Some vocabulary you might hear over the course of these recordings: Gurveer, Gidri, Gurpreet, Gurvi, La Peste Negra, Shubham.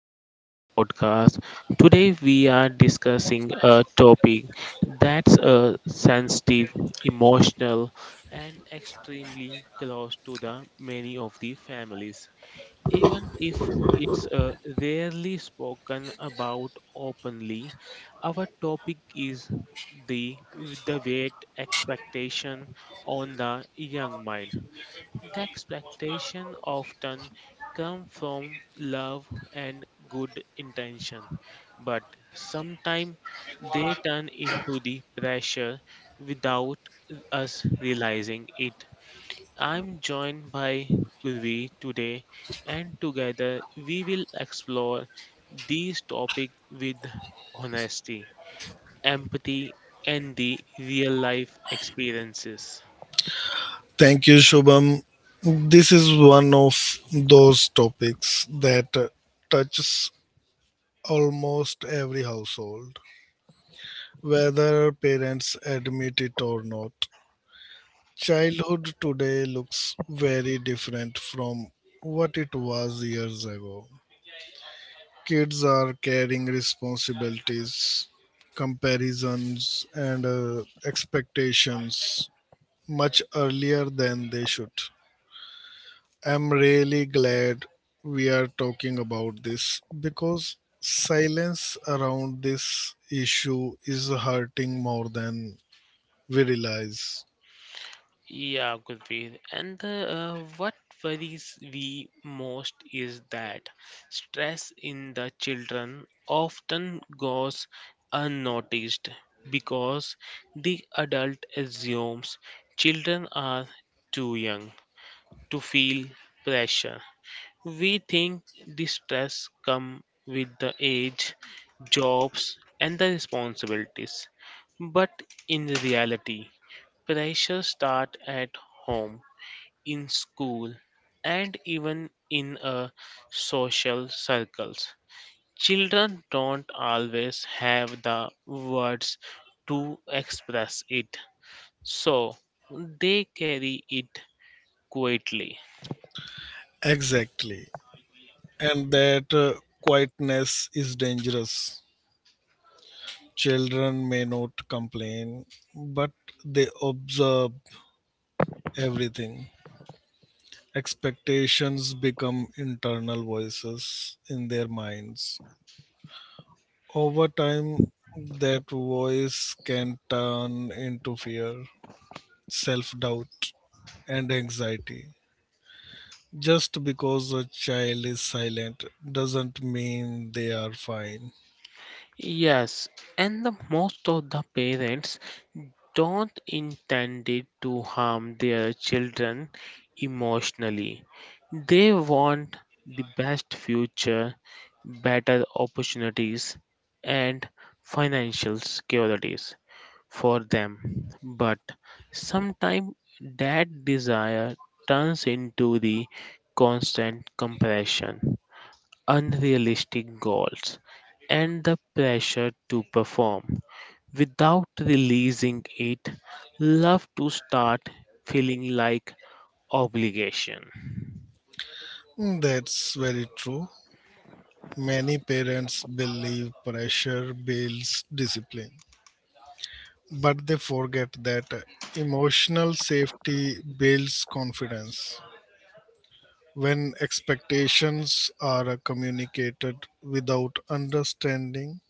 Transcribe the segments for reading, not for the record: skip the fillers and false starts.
back to the podcast. Today, we are discussing a topic that's sensitive, emotional, and extremely close to the many of the families, even if it's rarely spoken about openly. Our topic is the weight expectation on the young mind. The expectations often come from love and good intention, but sometimes they turn into the pressure without us realizing it. I'm joined by Gurvi today, and together we will explore these topics with honesty, empathy, and the real life experiences. Thank you, Shubham. This is one of those topics that touches almost every household, whether parents admit it or not. Childhood today looks very different from what it was years ago. Kids are carrying responsibilities, comparisons, and expectations much earlier than they should. I'm really glad we are talking about this because silence around this issue is hurting more than we realize. Yeah, Gurpreet. And what worries we most is that stress in the children often goes unnoticed because the adult assumes children are too young to feel pressure. We think the stress come with the age, jobs, and the responsibilities. But in reality, pressure start at home in school and even in social circles. Children don't always have the words to express it, so they carry it quietly. Exactly. And that quietness is dangerous. Children may not complain, but they observe everything. Expectations become internal voices in their minds. Over time, that voice can turn into fear, self doubt, and anxiety. Just because a child is silent doesn't mean they are fine. Yes, and the most of the parents don't intend it to harm their children emotionally. They want the best future, better opportunities, and financial securities for them. But sometimes that desire turns into the constant compression unrealistic goals, and the pressure to perform. Without releasing it, love to start feeling like obligation. That's very true. Many parents believe pressure builds discipline, but they forget that emotional safety builds confidence. When expectations are communicated without understanding,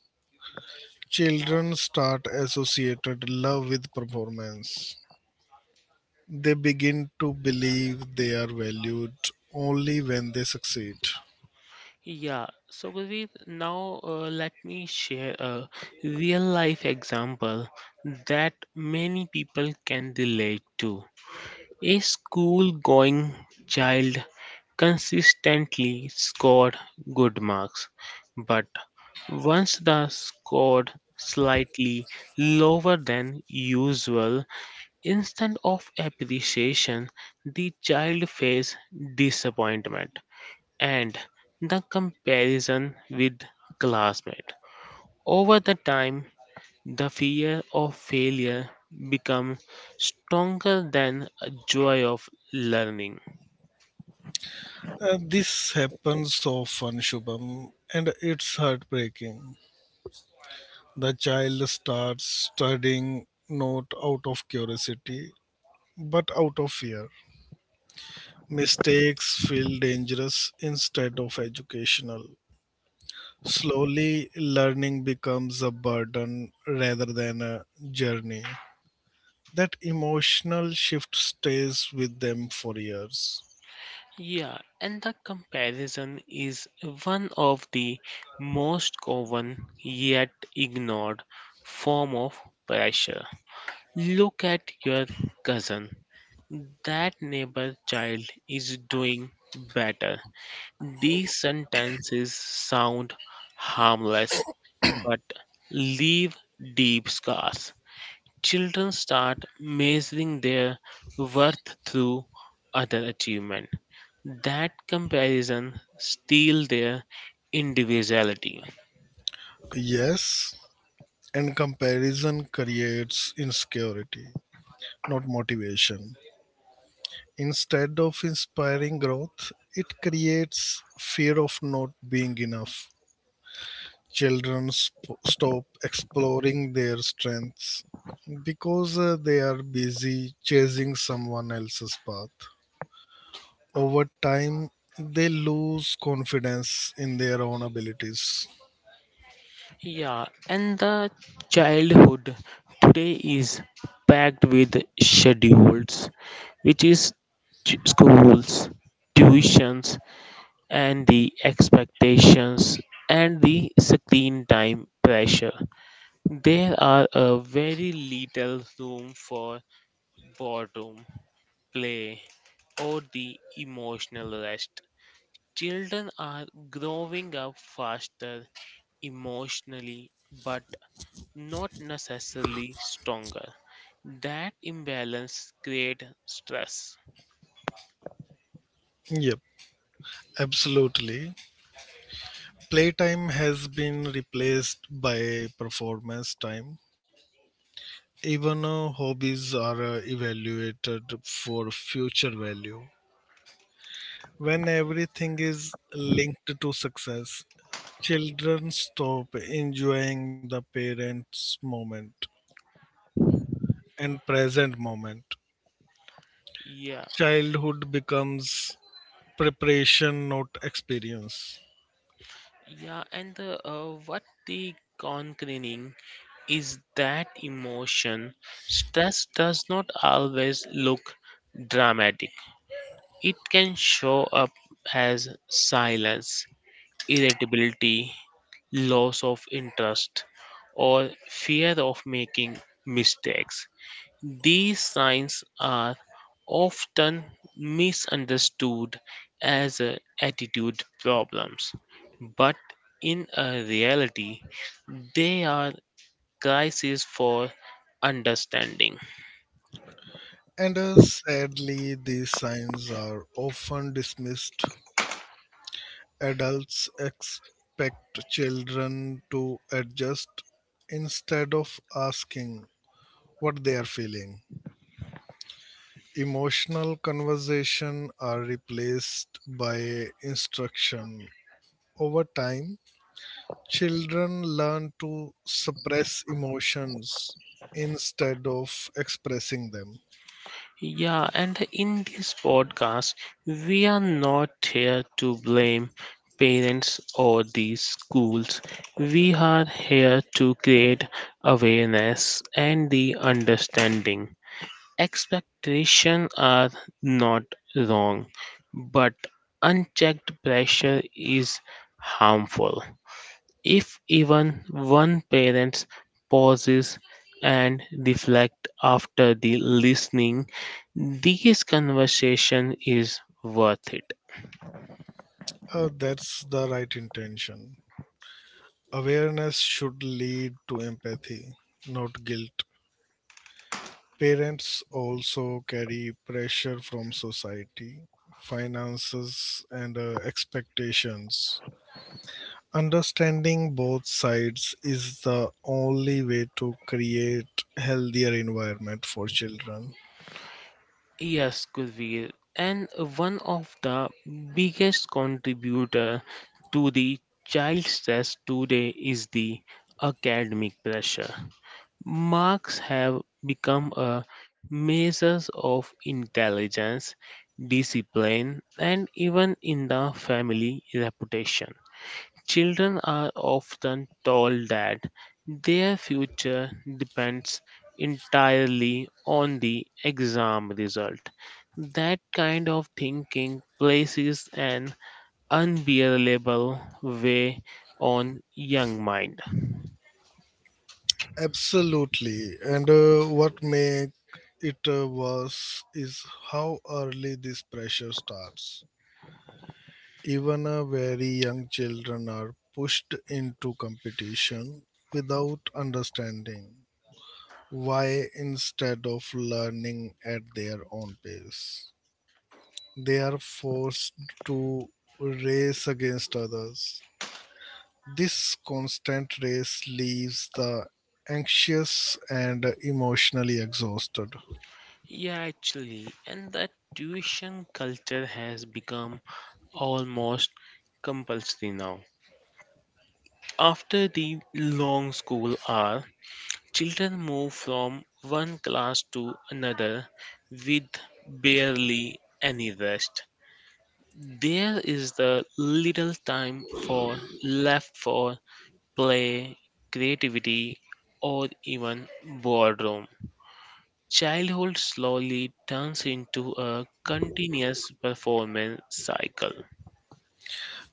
children start associated love with performance. They begin to believe they are valued only when they succeed. Yeah, so Gurveer, now let me share a real life example that many people can relate to. A school going child consistently scored good marks, but once the scored slightly lower than usual, instead of appreciation, the child faced disappointment and the comparison with classmate. Over the time, the fear of failure becomes stronger than a joy of learning. This happens often, Shubham, and it's heartbreaking. The child starts studying not out of curiosity but out of fear. Mistakes feel dangerous instead of educational. Slowly, learning becomes a burden rather than a journey. That emotional shift stays with them for years. Yeah, and the comparison is one of the most common yet ignored form of pressure. Look at your cousin. That neighbor child is doing better. These sentences sound harmless but leave deep scars. Children start measuring their worth through other achievements that comparison steal their individuality. Yes, and comparison creates insecurity, not motivation. Instead of inspiring growth, it creates fear of not being enough. Stop exploring their strengths because they are busy chasing someone else's path. Over time they lose confidence in their own abilities. Yeah, and the childhood today is packed with schedules, which is schools, tuitions, and the expectations, and the screen time pressure. There are a very little room for boredom, play, or the emotional rest. Children are growing up faster emotionally, but not necessarily stronger. That imbalance creates stress. Yep, absolutely. Playtime has been replaced by performance time. Even hobbies are evaluated for future value. When everything is linked to success, children stop enjoying the parents' moment and present moment. Yeah, Childhood becomes preparation, not experience. yeah, and what the concerning is that emotion stress does not always look dramatic. It can show up as silence, irritability, loss of interest, or fear of making mistakes. These signs are often misunderstood as attitude problems, but in a reality, they are crises for understanding. And sadly, these signs are often dismissed. Adults expect children to adjust instead of asking what they are feeling. Emotional conversation are replaced by instruction. Over time, children learn to suppress emotions instead of expressing them. Yeah, and in this podcast, we are not here to blame parents or these schools. We are here to create awareness and the understanding. Expectations are not wrong, but unchecked pressure is harmful. If even one parent pauses and reflect after the listening, this conversation is worth it. That's the right intention. Awareness should lead to empathy, not guilt. Parents also carry pressure from society, finances, and expectations. Understanding both sides is the only way to create healthier environment for children. Yes, Kurveer. And one of the biggest contributor to the child stress today is the academic pressure. Marks have become a measure of intelligence, discipline, and even in the family reputation. Children are often told that their future depends entirely on the exam result. That kind of thinking places an unbearable weight on young mind. Absolutely. And what make it worse is how early this pressure starts. Even a very young children are pushed into competition without understanding why instead of learning at their own pace. They are forced to race against others. This constant race leaves the anxious and emotionally exhausted. Yeah, actually, and that tuition culture has become almost compulsory now. After the long school hour, children move from one class to another with barely any rest. There is the little time for left for play, creativity, or even boredom. Childhood slowly turns into a continuous performance cycle.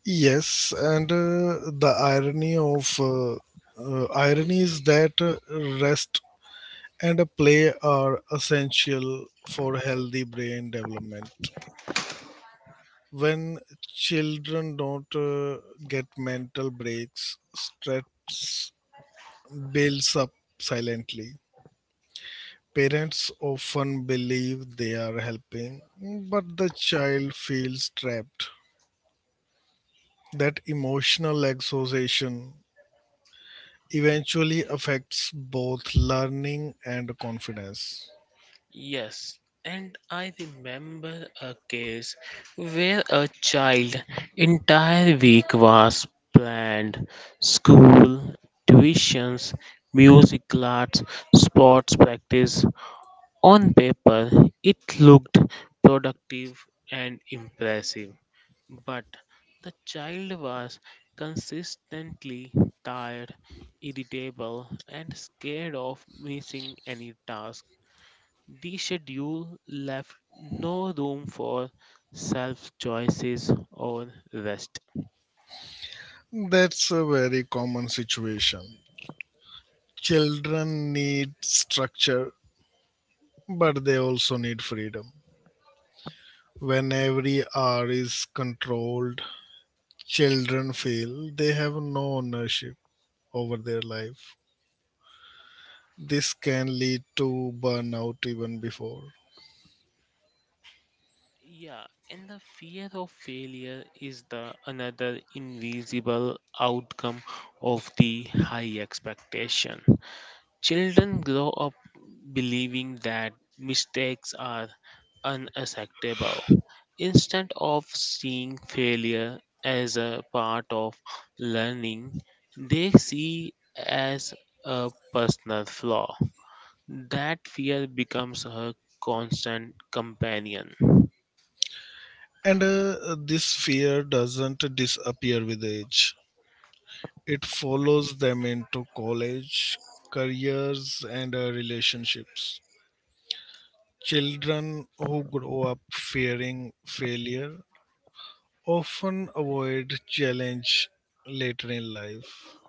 Yes, and the irony of irony is that rest and a play are essential for healthy brain development. When children don't get mental breaks, stress builds up silently. Parents often believe they are helping, but the child feels trapped. That emotional exhaustion eventually affects both learning and confidence. Yes, and I remember a case where a child entire week was planned school, tuitions, music class, sports practice. On paper, it looked productive and impressive. But the child was consistently tired, irritable, and scared of missing any task. The schedule left no room for self choices or rest. That's a very common situation. Children need structure, but they also need freedom. When every hour is controlled, children feel they have no ownership over their life. This can lead to burnout even before. Yeah, and the fear of failure is the another invisible outcome of the high expectation. Children grow up believing that mistakes are unacceptable. Instead of seeing failure as a part of learning, they see as a personal flaw. That fear becomes a constant companion. And this fear doesn't disappear with age, it follows them into college, careers, and relationships. Children who grow up fearing failure often avoid challenge later in life.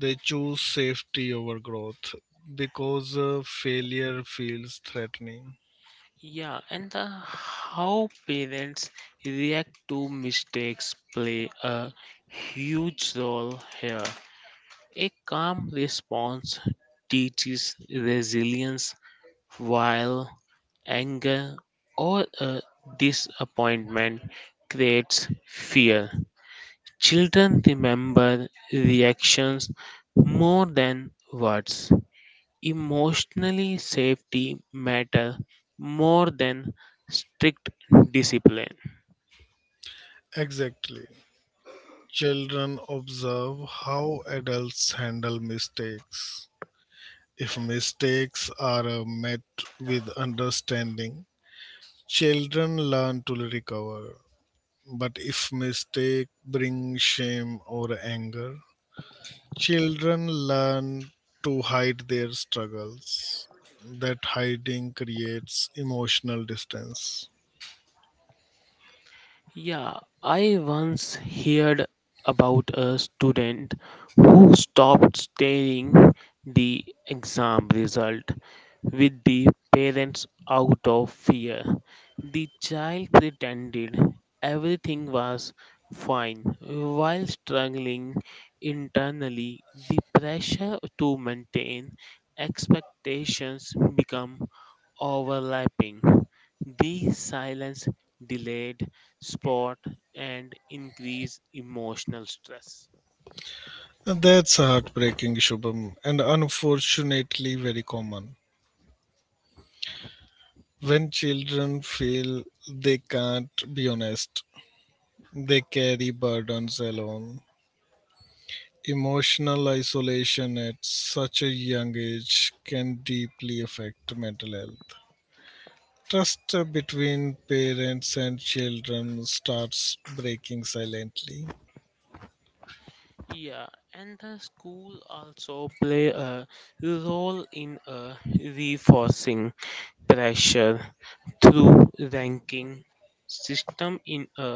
They choose safety over growth because failure feels threatening. Yeah, and the how parents react to mistakes play a huge role here. A calm response teaches resilience while anger or a disappointment creates fear. Children remember reactions more than words. Emotionally, safety matter more than strict discipline. Exactly. Children observe how adults handle mistakes. If mistakes are met with understanding, children learn to recover. But if mistake bring shame or anger, children learn to hide their struggles. That hiding creates emotional distance. Yeah, I once heard about a student who stopped staring the exam result with the parents out of fear. The child pretended everything was fine while struggling internally. The pressure to maintain expectations become overlapping. The silence delayed sport and increased emotional stress. That's heartbreaking, Shubham, and unfortunately very common. When children feel they can't be honest, they carry burdens alone. Emotional isolation at such a young age can deeply affect mental health. Trust between parents and children starts breaking silently. Yeah, and the school also play a role in reinforcing pressure through ranking system in a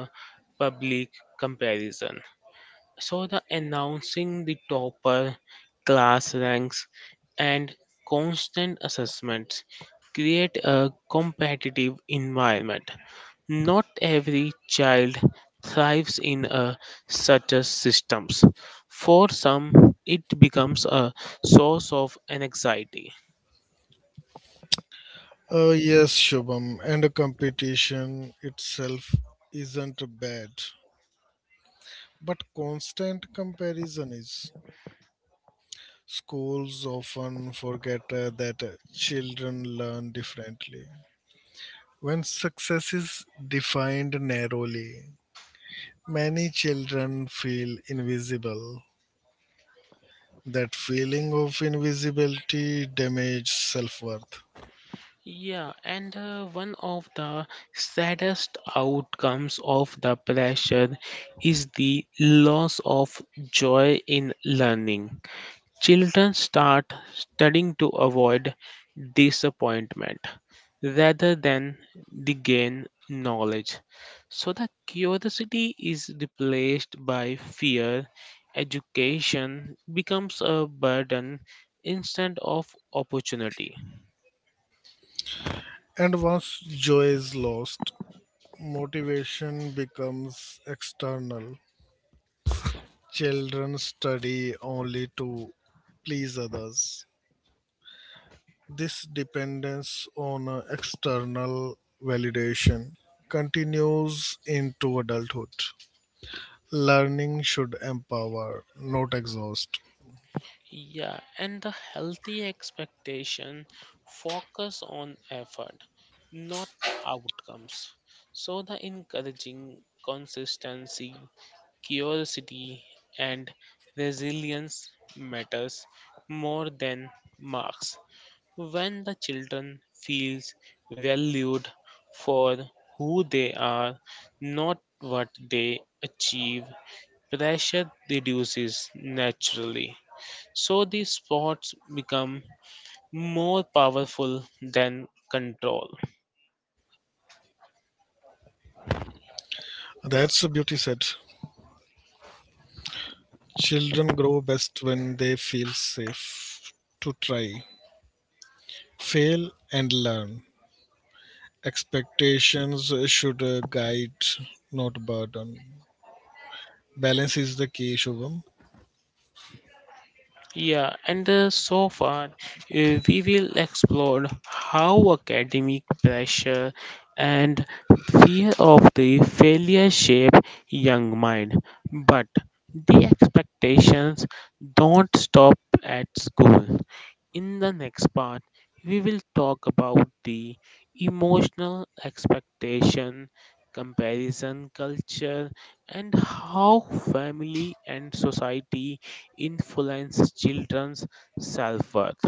public comparison. So the announcing the topper, class ranks, and constant assessments create a competitive environment not every child thrives in a such a systems. For some, it becomes a source of anxiety. Yes, Shubham, and a competition itself isn't bad, but constant comparison is. Schools often forget that children learn differently. When success is defined narrowly, many children feel invisible. That feeling of invisibility damages self worth. Yeah, and one of the saddest outcomes of the pressure is the loss of joy in learning. Children start studying to avoid disappointment rather than the gain knowledge. So the curiosity is replaced by fear. Education becomes a burden instead of opportunity. And once joy is lost, motivation becomes external. Children study only to please others. This dependence on external validation continues into adulthood. Learning should empower, not exhaust. Yeah, and the healthy expectation focus on effort, not outcomes. So the encouraging consistency, curiosity and resilience matters more than marks. When the children feels valued for who they are, not what they achieve, pressure reduces naturally so these spots become more powerful than control. That's a beauty said. Children grow best when they feel safe to try, fail, and learn. Expectations should guide, not burden. Balance is the key, Shubham. Yeah, and so far, we will explore how academic pressure and fear of the failure shape young mind. But the expectations don't stop at school. In the next part, we will talk about the emotional expectation, comparison culture, and how family and society influence children's self-worth.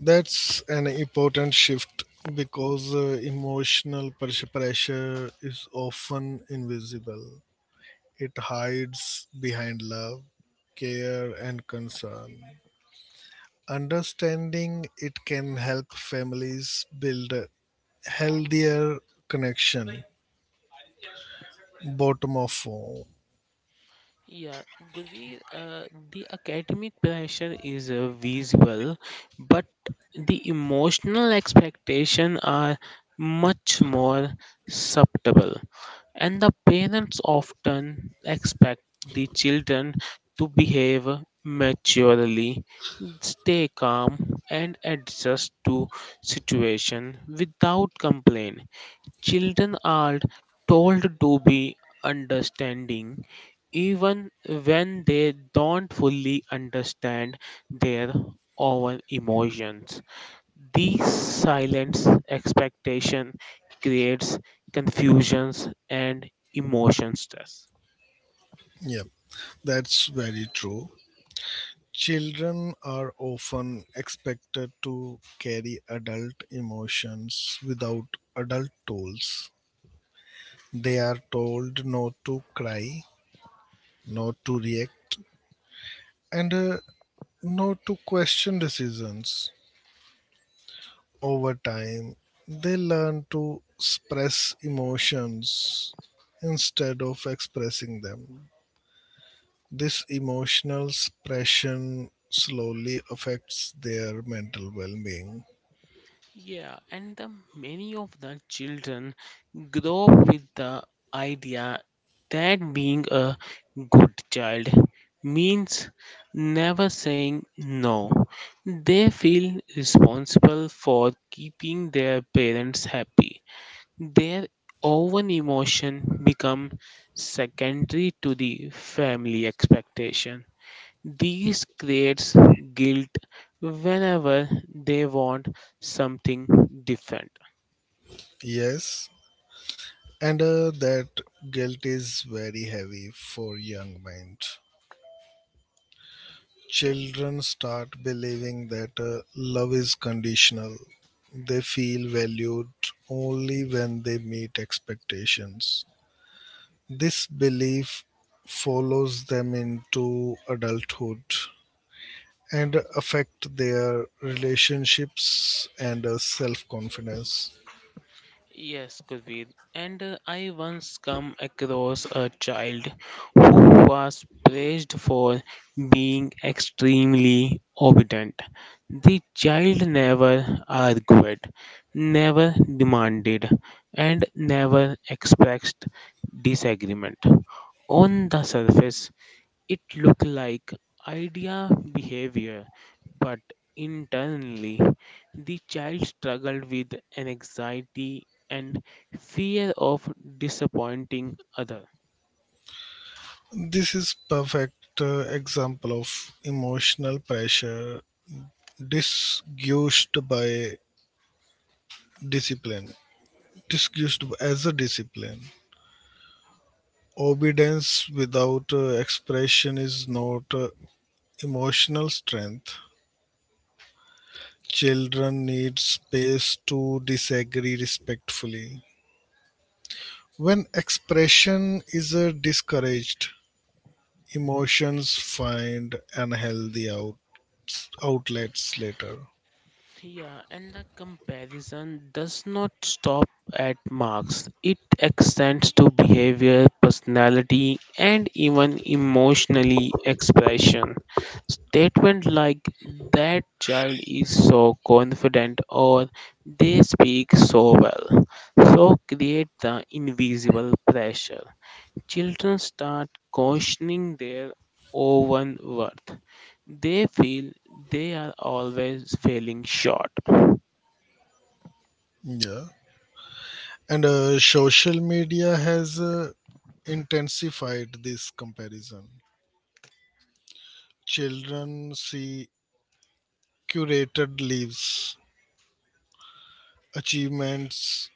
That's an important shift because pressure is often invisible. It hides behind love, care, and concern. Understanding it can help families build a healthier connection. Bottom of form. Yeah, Gurveer, the academic pressure is visual, but the emotional expectations are much more subtle, and the parents often expect the children to behave maturely, stay calm, and adjust to situation without complaint. Children are told to be understanding even when they don't fully understand their own emotions. These silent expectation creates confusions and emotion stress. Yep, that's very true. Children are often expected to carry adult emotions without adult tools. They are told not to cry, not to react, and not to question decisions. Over time, they learn to suppress emotions instead of expressing them. This emotional suppression slowly affects their mental well being. Yeah, and the many of the children grow up with the idea that being a good child means never saying no. They feel responsible for keeping their parents happy. Their own emotion become secondary to the family expectation. These creates guilt whenever they want something different. Yes, and that guilt is very heavy for young minds. Children start believing that love is conditional. They feel valued only when they meet expectations. This belief follows them into adulthood and affect their relationships and self confidence. Yes, Gurveer. And I once come across a child who was praised for being extremely obedient. The child never argued, never demanded, and never expressed disagreement. On the surface, it look like idea behavior, but internally the child struggled with an anxiety and fear of disappointing other. This is perfect example of emotional pressure disgusted by discipline, disgusted as a discipline. Obedience without expression is not emotional strength. Children need space to disagree respectfully. When expression is discouraged, emotions find outlets later. Yeah, and the comparison does not stop at marks. It extends to behavior, personality, and even emotionally expression. Statement like that child is so confident or they speak so well so create the invisible pressure. Children start questioning their own worth. They feel they are always failing short. Yeah. And social media has intensified this comparison. Children see curated lives, achievements,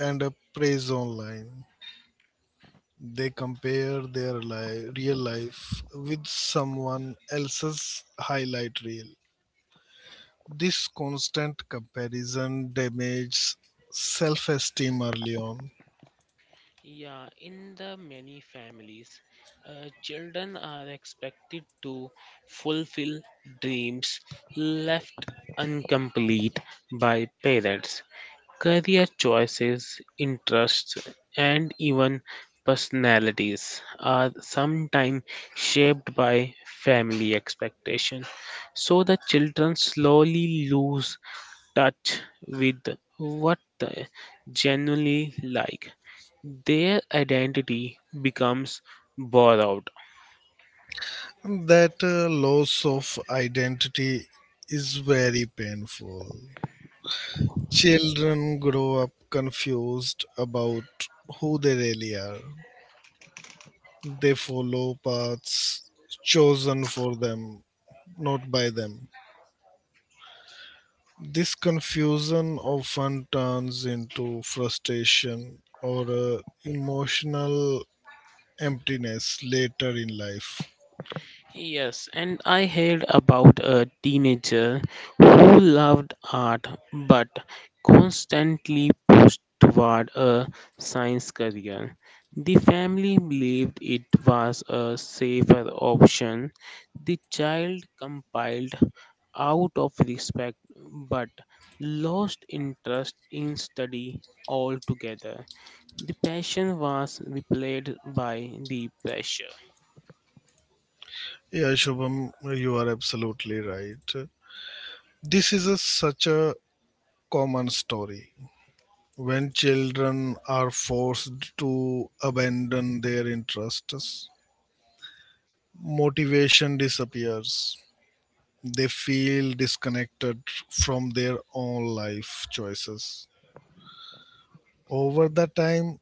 and a praise online. They compare their li- real life with someone else's highlight reel. This constant comparison damages self esteem early on. Yeah, in the many families, children are expected to fulfill dreams left incomplete by parents. Career choices, interests, and even personalities are sometimes shaped by family expectation. So the children slowly lose touch with what they genuinely like. Their identity becomes borrowed. And that loss of identity is very painful. Children grow up confused about who they really are. They follow paths chosen for them, not by them. This confusion often turns into frustration or emotional emptiness later in life. Yes, and I heard about a teenager who loved art but constantly pushed toward a science career. The family believed it was a safer option. The child compiled out of respect but lost interest in study altogether. The passion was replaced by the pressure. Yeah, Shubham, you are absolutely right. This is a, such a common story. When children are forced to abandon their interests, motivation disappears. They feel disconnected from their own life choices. Over the time,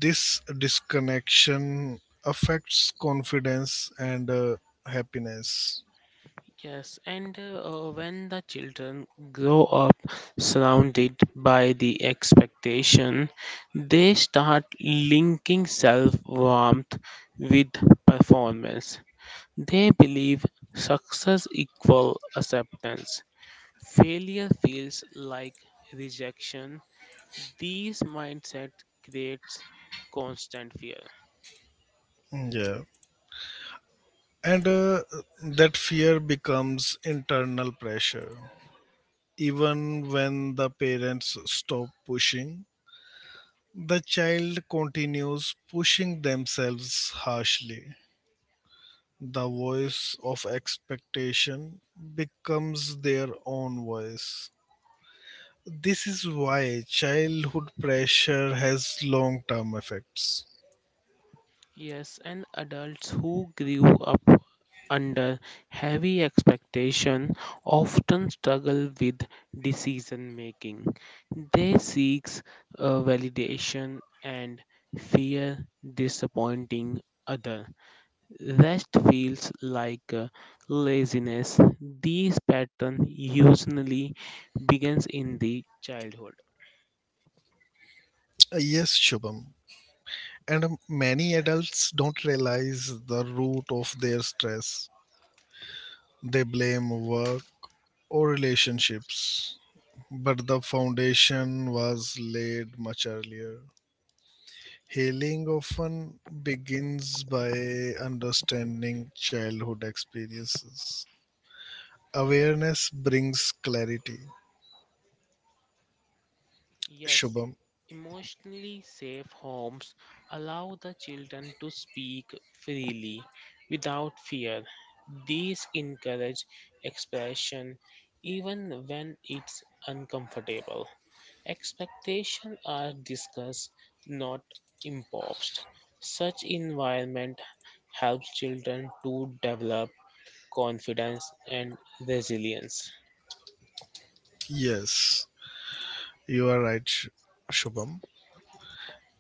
this disconnection affects confidence and happiness. Yes, and when the children grow up surrounded by the expectation, they start linking self worth with performance. They believe success equals acceptance. Failure feels like rejection. These mindset creates constant fear. Yeah. And that fear becomes internal pressure. Even when the parents stop pushing, the child continues pushing themselves harshly. The voice of expectation becomes their own voice. This is why childhood pressure has long term effects. Yes, and adults who grew up under heavy expectation often struggle with decision making. They seek validation and fear disappointing other. Rest feels like laziness. These pattern usually begins in the childhood. Yes, Shubham. And many adults don't realize the root of their stress. They blame work or relationships, but the foundation was laid much earlier. Healing often begins by understanding childhood experiences. Awareness brings clarity. Yes, Shubham. emotionally safe homes allow the children to speak freely without fear. These encourage expression even when it's uncomfortable. Expectations are discussed, not imposed. Such environment helps children to develop confidence and resilience. Yes, you are right, Shubham.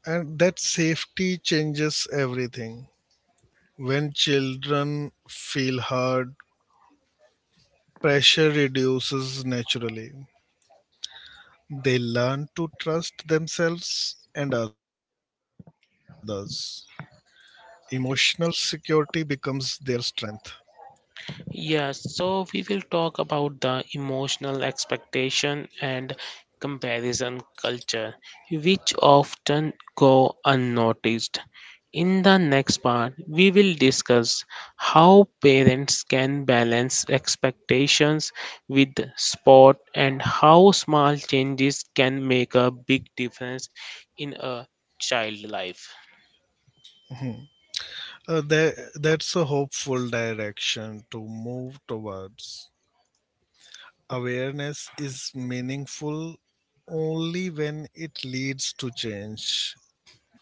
And that safety changes everything. When children feel heard, pressure reduces naturally. They learn to trust themselves and others. Emotional security becomes their strength. Yes, so we will talk about the emotional expectation and comparison culture, which often go unnoticed. In the next part, we will discuss how parents can balance expectations with sport and how small changes can make a big difference in a child life. Mhm. That's a hopeful direction to move towards. Awareness is meaningful only when it leads to change.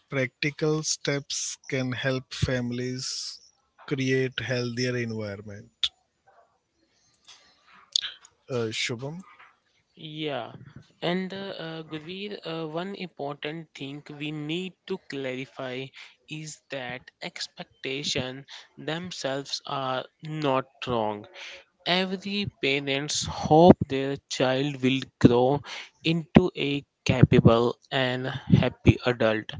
Practical steps can help families create healthier environment. Shubham? Yeah, and Gurveer, one important thing we need to clarify is that expectation themselves are not wrong. Every parents hope their child will grow into a capable and happy adult.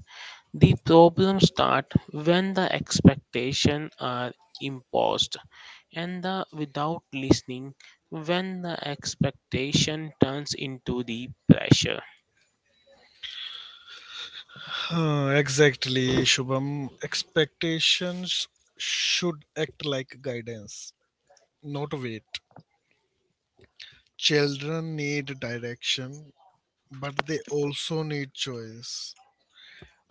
The problems start when the expectations are imposed and the without listening when the expectation turns into the pressure. Exactly, Shubham. Expectations should act like guidance, not weight. Children need direction, but they also need choice.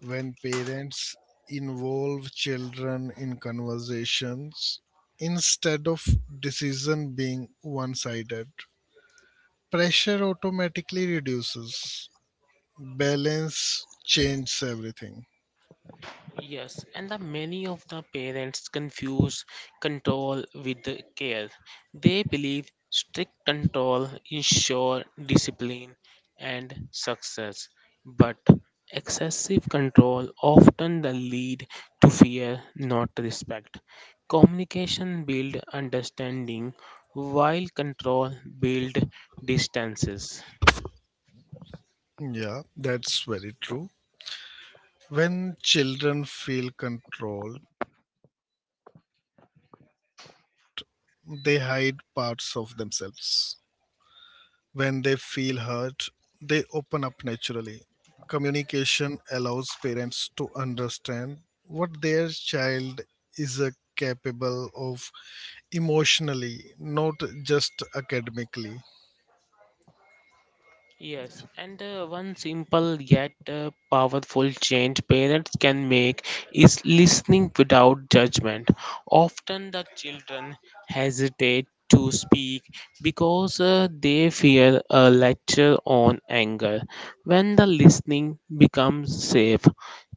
When parents involve children in conversations instead of decision being one sided. Pressure automatically reduces, balance changes everything. Yes, and the many of the parents confuse control with the care. They believe strict control ensure discipline and success, but excessive control often the lead to fear, not respect. Communication build understanding, while control build distances. Yeah, that's very true. When children feel controlled, they hide parts of themselves. When they feel hurt, they open up naturally. Communication allows parents to understand what their child is capable of emotionally, not just academically. Yes, and one simple yet powerful change parents can make is listening without judgment. Often the children hesitate to speak because they fear a lecture on anger. When the listening becomes safe,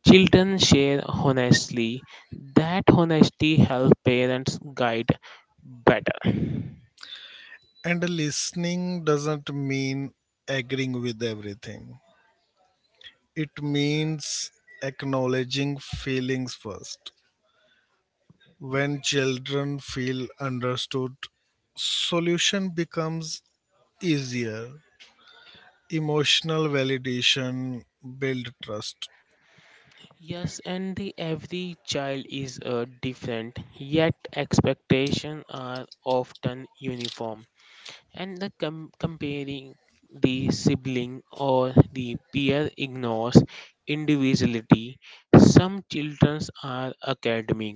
children share honestly. That honesty helps parents guide better. And listening doesn't mean agreeing with everything, it means acknowledging feelings first. When children feel understood, solution becomes easier. Emotional validation build trust. Yes, and the every child is different, yet expectations are often uniform. And the comparing the sibling or the peer ignores individuality. Some children are academic,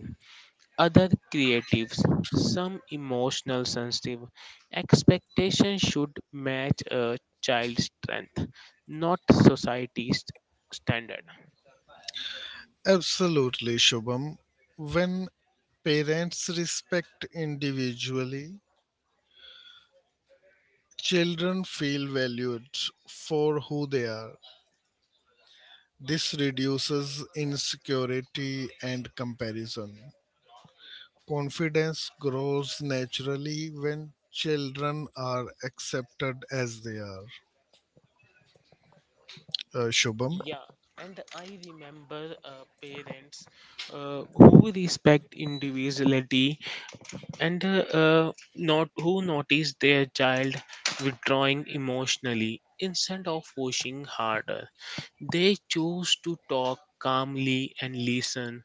other creatives, some emotional sensitive. Expectations should match a child's strength, not society's standard. Absolutely, Shubham. When parents respect individually, children feel valued for who they are. This reduces insecurity and comparison. Confidence grows naturally when children are accepted as they are. Shubham, Yeah, and I remember parents who respect individuality and not who notice their child withdrawing emotionally instead of pushing harder. They choose to talk calmly and listen.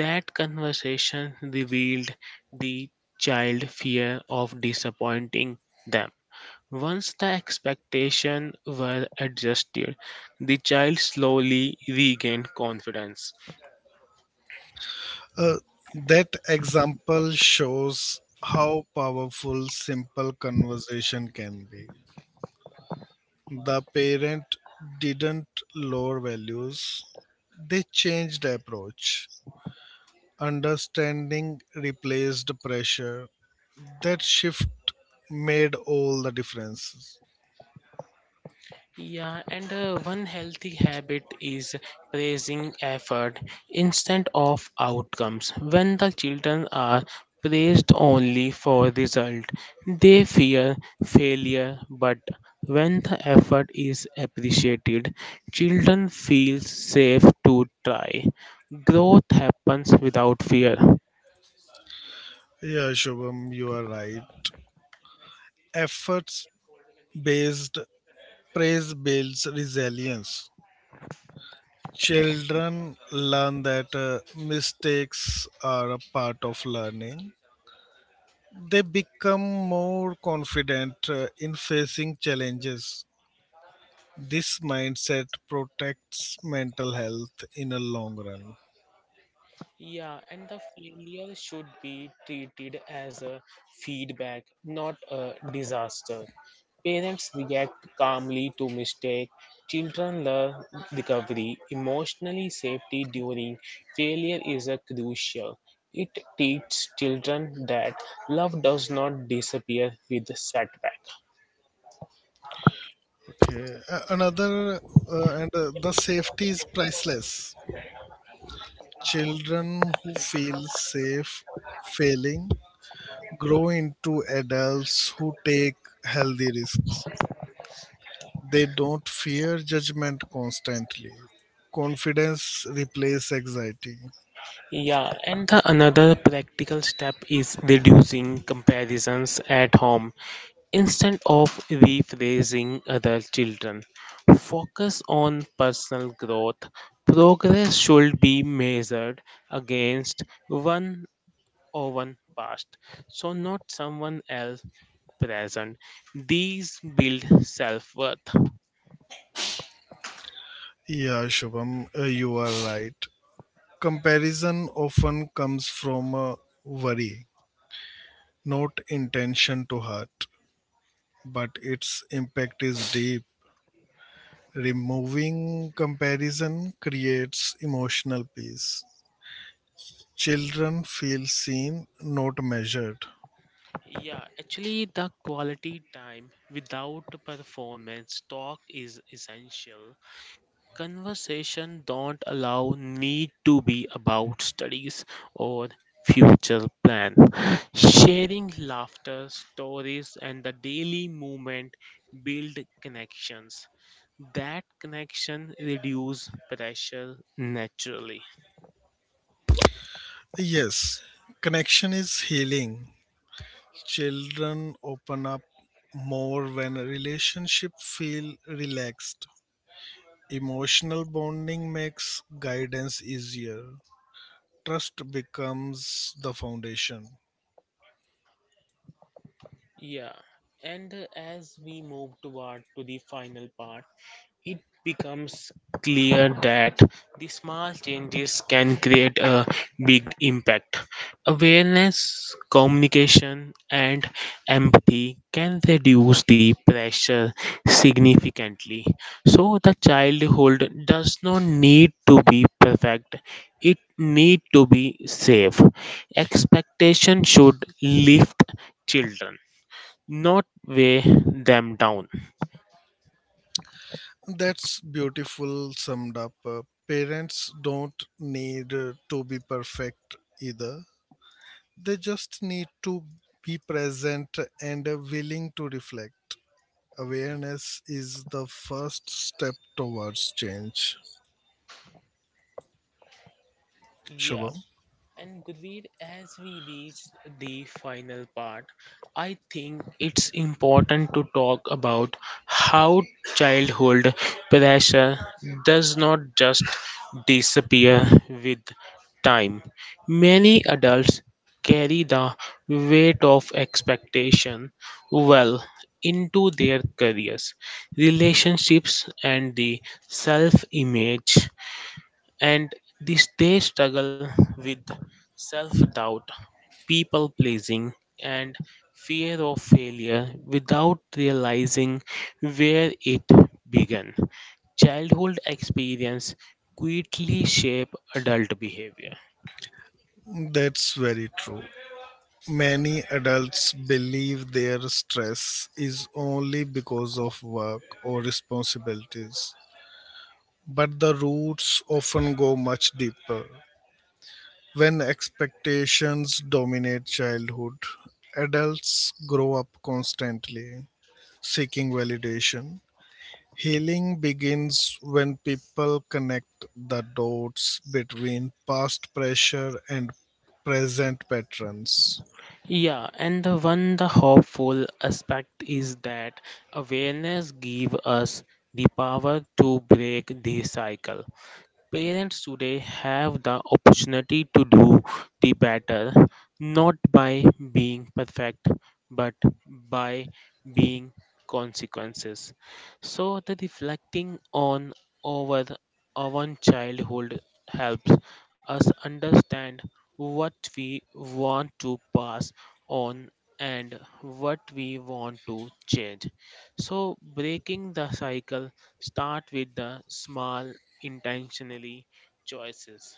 That conversation revealed the child fear of disappointing them once the expectations were adjusted, the child slowly regained confidence. uh, that example shows how powerful simple conversation can be. The parent didn't lower values, they changed the approach. Understanding replaced pressure. That shift made all the differences. Yeah, and one healthy habit is praising effort instead of outcomes. When the children are praised only for result, they fear failure, but when the effort is appreciated, children feel safe to try. Growth happens without fear. Yeah, Shubham, you are right. Efforts based praise builds resilience. Children learn that mistakes are a part of learning. They become more confident in facing challenges. This mindset protects mental health in a long run. Yeah, and the failure should be treated as a feedback, not a disaster. Parents react calmly to mistake. Children learn recovery. Emotionally safety during failure is a crucial. It teaches children that love does not disappear with setback. Okay, a- another and The safety is priceless. Children who feel safe failing grow into adults who take healthy risks. They don't fear judgment constantly. Confidence replaces anxiety. Yeah, and the another practical step is reducing comparisons at home. Instead of rephrasing other children, focus on personal growth. Progress should be measured against one or one past, so not someone else present. These build self worth. Yeah, Shubham, you are right. Comparison often comes from worry not intention to hurt, but its impact is deep. Removing comparison creates emotional peace. Children feel seen, not measured. Yeah, actually, the quality time without performance talk is essential. Conversation don't allow need to be about studies or future plan. Sharing laughter, stories, and the daily movement build connections. That connection reduce pressure naturally. Yes, connection is healing. Children open up more when a relationship feel relaxed. Emotional bonding makes guidance easier. Trust becomes the foundation. Yeah. And as we move toward to the final part, it becomes clear that the small changes can create a big impact. Awareness, communication, and empathy can reduce the pressure significantly. So the childhood does not need to be perfect. It need to be safe. Expectation should lift children, not weigh them down. That's beautiful summed up. Parents don't need to be perfect either. They just need to be present and willing to reflect. Awareness is the first step towards change. Yeah. Shubham, And Gurveer, as we reach the final part, I think it's important to talk about how childhood pressure does not just disappear with time. Many adults carry the weight of expectation well into their careers, relationships, and the self image, and this they struggle with self-doubt, people pleasing, and fear of failure without realizing where it began. Childhood experience quickly shape adult behavior. that's very true. Many adults believe their stress is only because of work or responsibilities, but the roots often go much deeper. When expectations dominate childhood, adults grow up constantly seeking validation. Healing begins when people connect the dots between past pressure and present patterns. Yeah, and the one the hopeful aspect is that awareness give us the power to break the cycle. Parents today have the opportunity to do the better, not by being perfect, but by being consequences. So the reflecting on our own childhood helps us understand what we want to pass on and what we want to change. So breaking the cycle start with the small intentionally choices.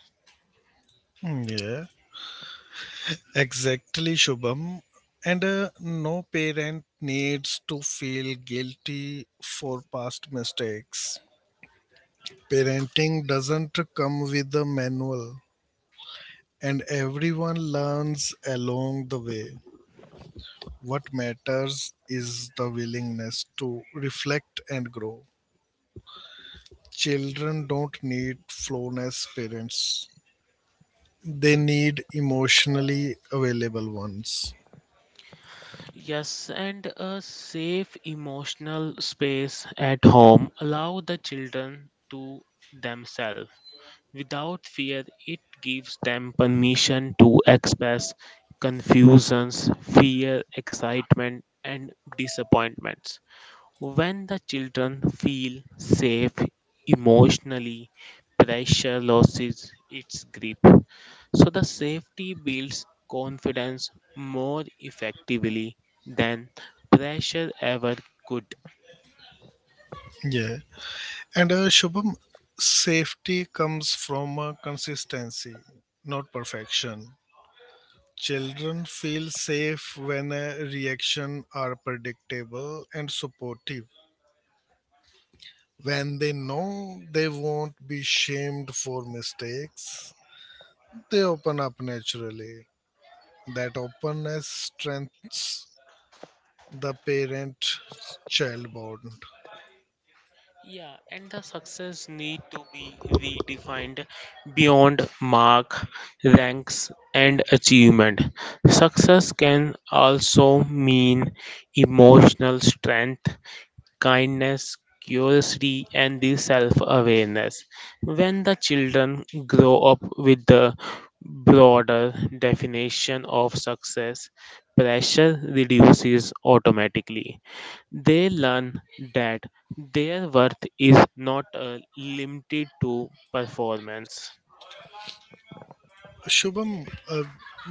Yeah, exactly, Shubham. And no parent needs to feel guilty for past mistakes. Parenting doesn't come with a manual, and everyone learns along the way. What matters is the willingness to reflect and grow. Children don't need flawless parents, they need emotionally available ones. Yes, and a safe emotional space at home. Allow the children to themselves. Without fear, it gives them permission to express confusions, fear, excitement, and disappointments. When the children feel safe emotionally, pressure loses its grip. So the safety builds confidence more effectively than pressure ever could. Yeah. And Shubham, safety comes from consistency, not perfection. Children feel safe when reactions are predictable and supportive. When they know they won't be shamed for mistakes, they open up naturally. That openness strengthens the parent child bond. Yeah, and the success need to be redefined beyond mark, ranks, and achievement. Success can also mean emotional strength, kindness, curiosity, and the self awareness. When the children grow up with the broader definition of success, pressure reduces automatically. They learn that their worth is not limited to performance. Shubham,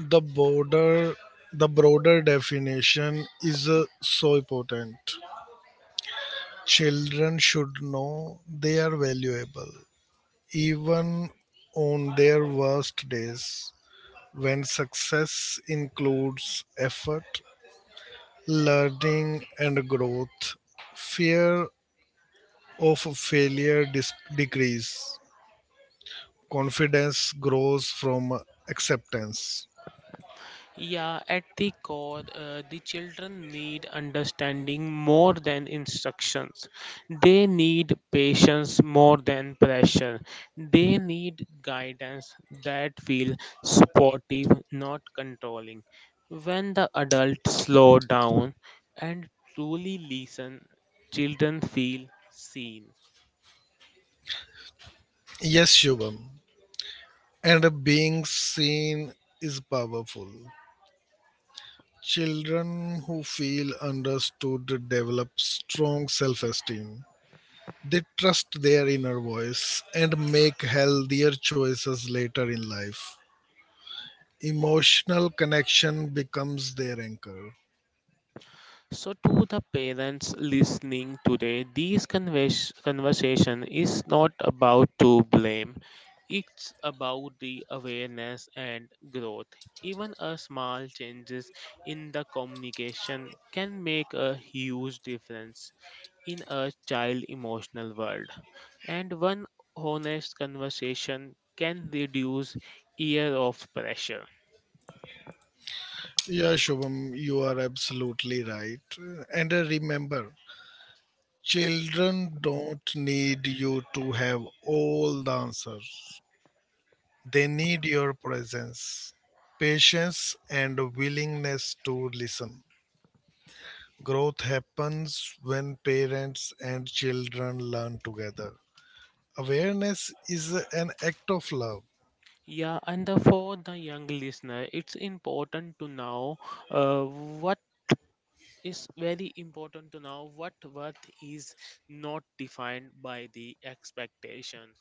the border, the broader definition is so important. Children should know they are valuable, even on their worst days. When success includes effort, learning and growth, fear of failure dis- decrease, confidence grows from acceptance. Yeah, at the core, the children need understanding more than instructions. They need patience more than pressure. They need guidance that feels supportive, not controlling. When the adults slow down and truly listen, children feel seen. Yes, Shubham, and being seen is powerful. Children who feel understood develop strong self esteem. They trust their inner voice and make healthier choices later in life. Emotional connection becomes their anchor. So, to the parents listening today, this conversation is not about to blame. It's about the awareness and growth. Even a small changes in the communication can make a huge difference in a child emotional world. And one honest conversation can reduce year of pressure. Yeah, Shubham, you are absolutely right. And remember, children don't need you to have all the answers. They need your presence, patience, and willingness to listen. Growth happens when parents and children learn together. Awareness is an act of love. Yeah, and the, for the young listener, it's important to know uh, what what worth is not defined by the expectation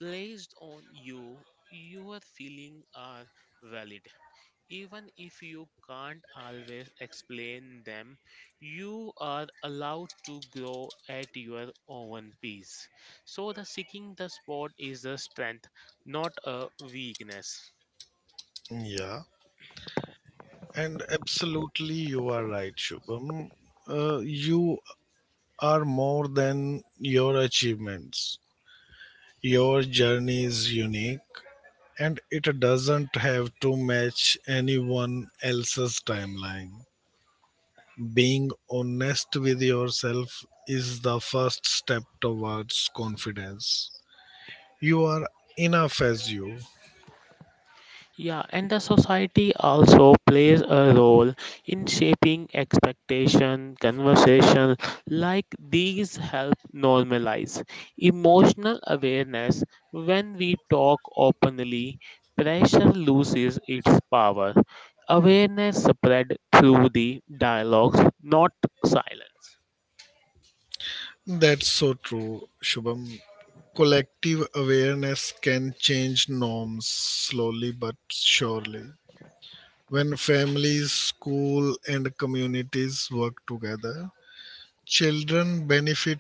placed on you. Your feelings are valid. Even if you can't always explain them, you are allowed to grow at your own pace. So, the seeking the spot is a strength, not a weakness. Yeah, and absolutely you are right, Shubham. You are more than your achievements. Your journey is unique and it doesn't have to match anyone else's timeline. Being honest with yourself is the first step towards confidence. You are enough as you. Yeah, and the society also plays a role in shaping expectation, conversation like these help normalize emotional awareness when we talk openly, pressure loses its power. Awareness spread through the dialogues, not silence. That's so true, Shubham. Collective awareness can change norms slowly but surely. When families, school, and communities work together, children benefit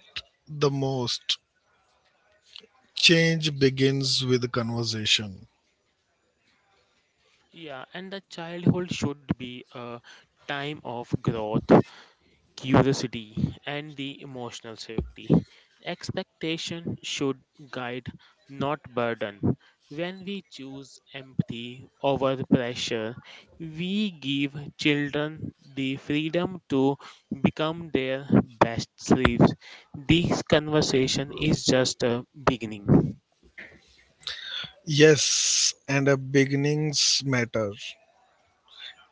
the most. Change begins with conversation. Yeah, and the childhood should be a time of growth, curiosity, and the emotional safety. Expectation should guide, not burden. When we choose empathy over pressure, we give children the freedom to become their best selves. This conversation is just a beginning. Yes, and a beginnings matter.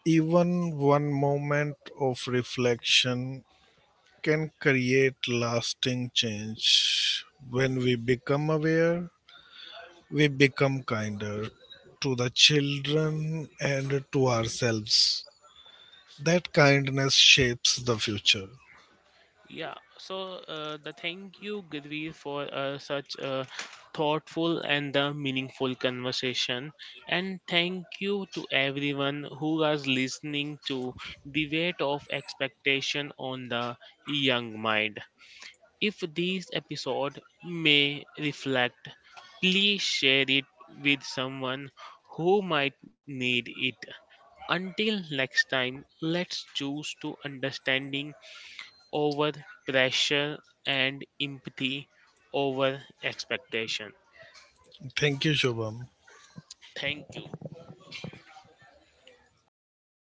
Even one moment of reflection can create lasting change. When we become aware, we become kinder to the children and to ourselves. That kindness shapes the future. Yeah, so the thank you, Gidri, for such a thoughtful and meaningful conversation. And thank you to everyone who was listening to the weight of expectation on the young mind. If this episode may reflect, please share it with someone who might need it. Until next time, let's choose to understanding over pressure and empathy over expectation. Thank you, Shubham. Thank you.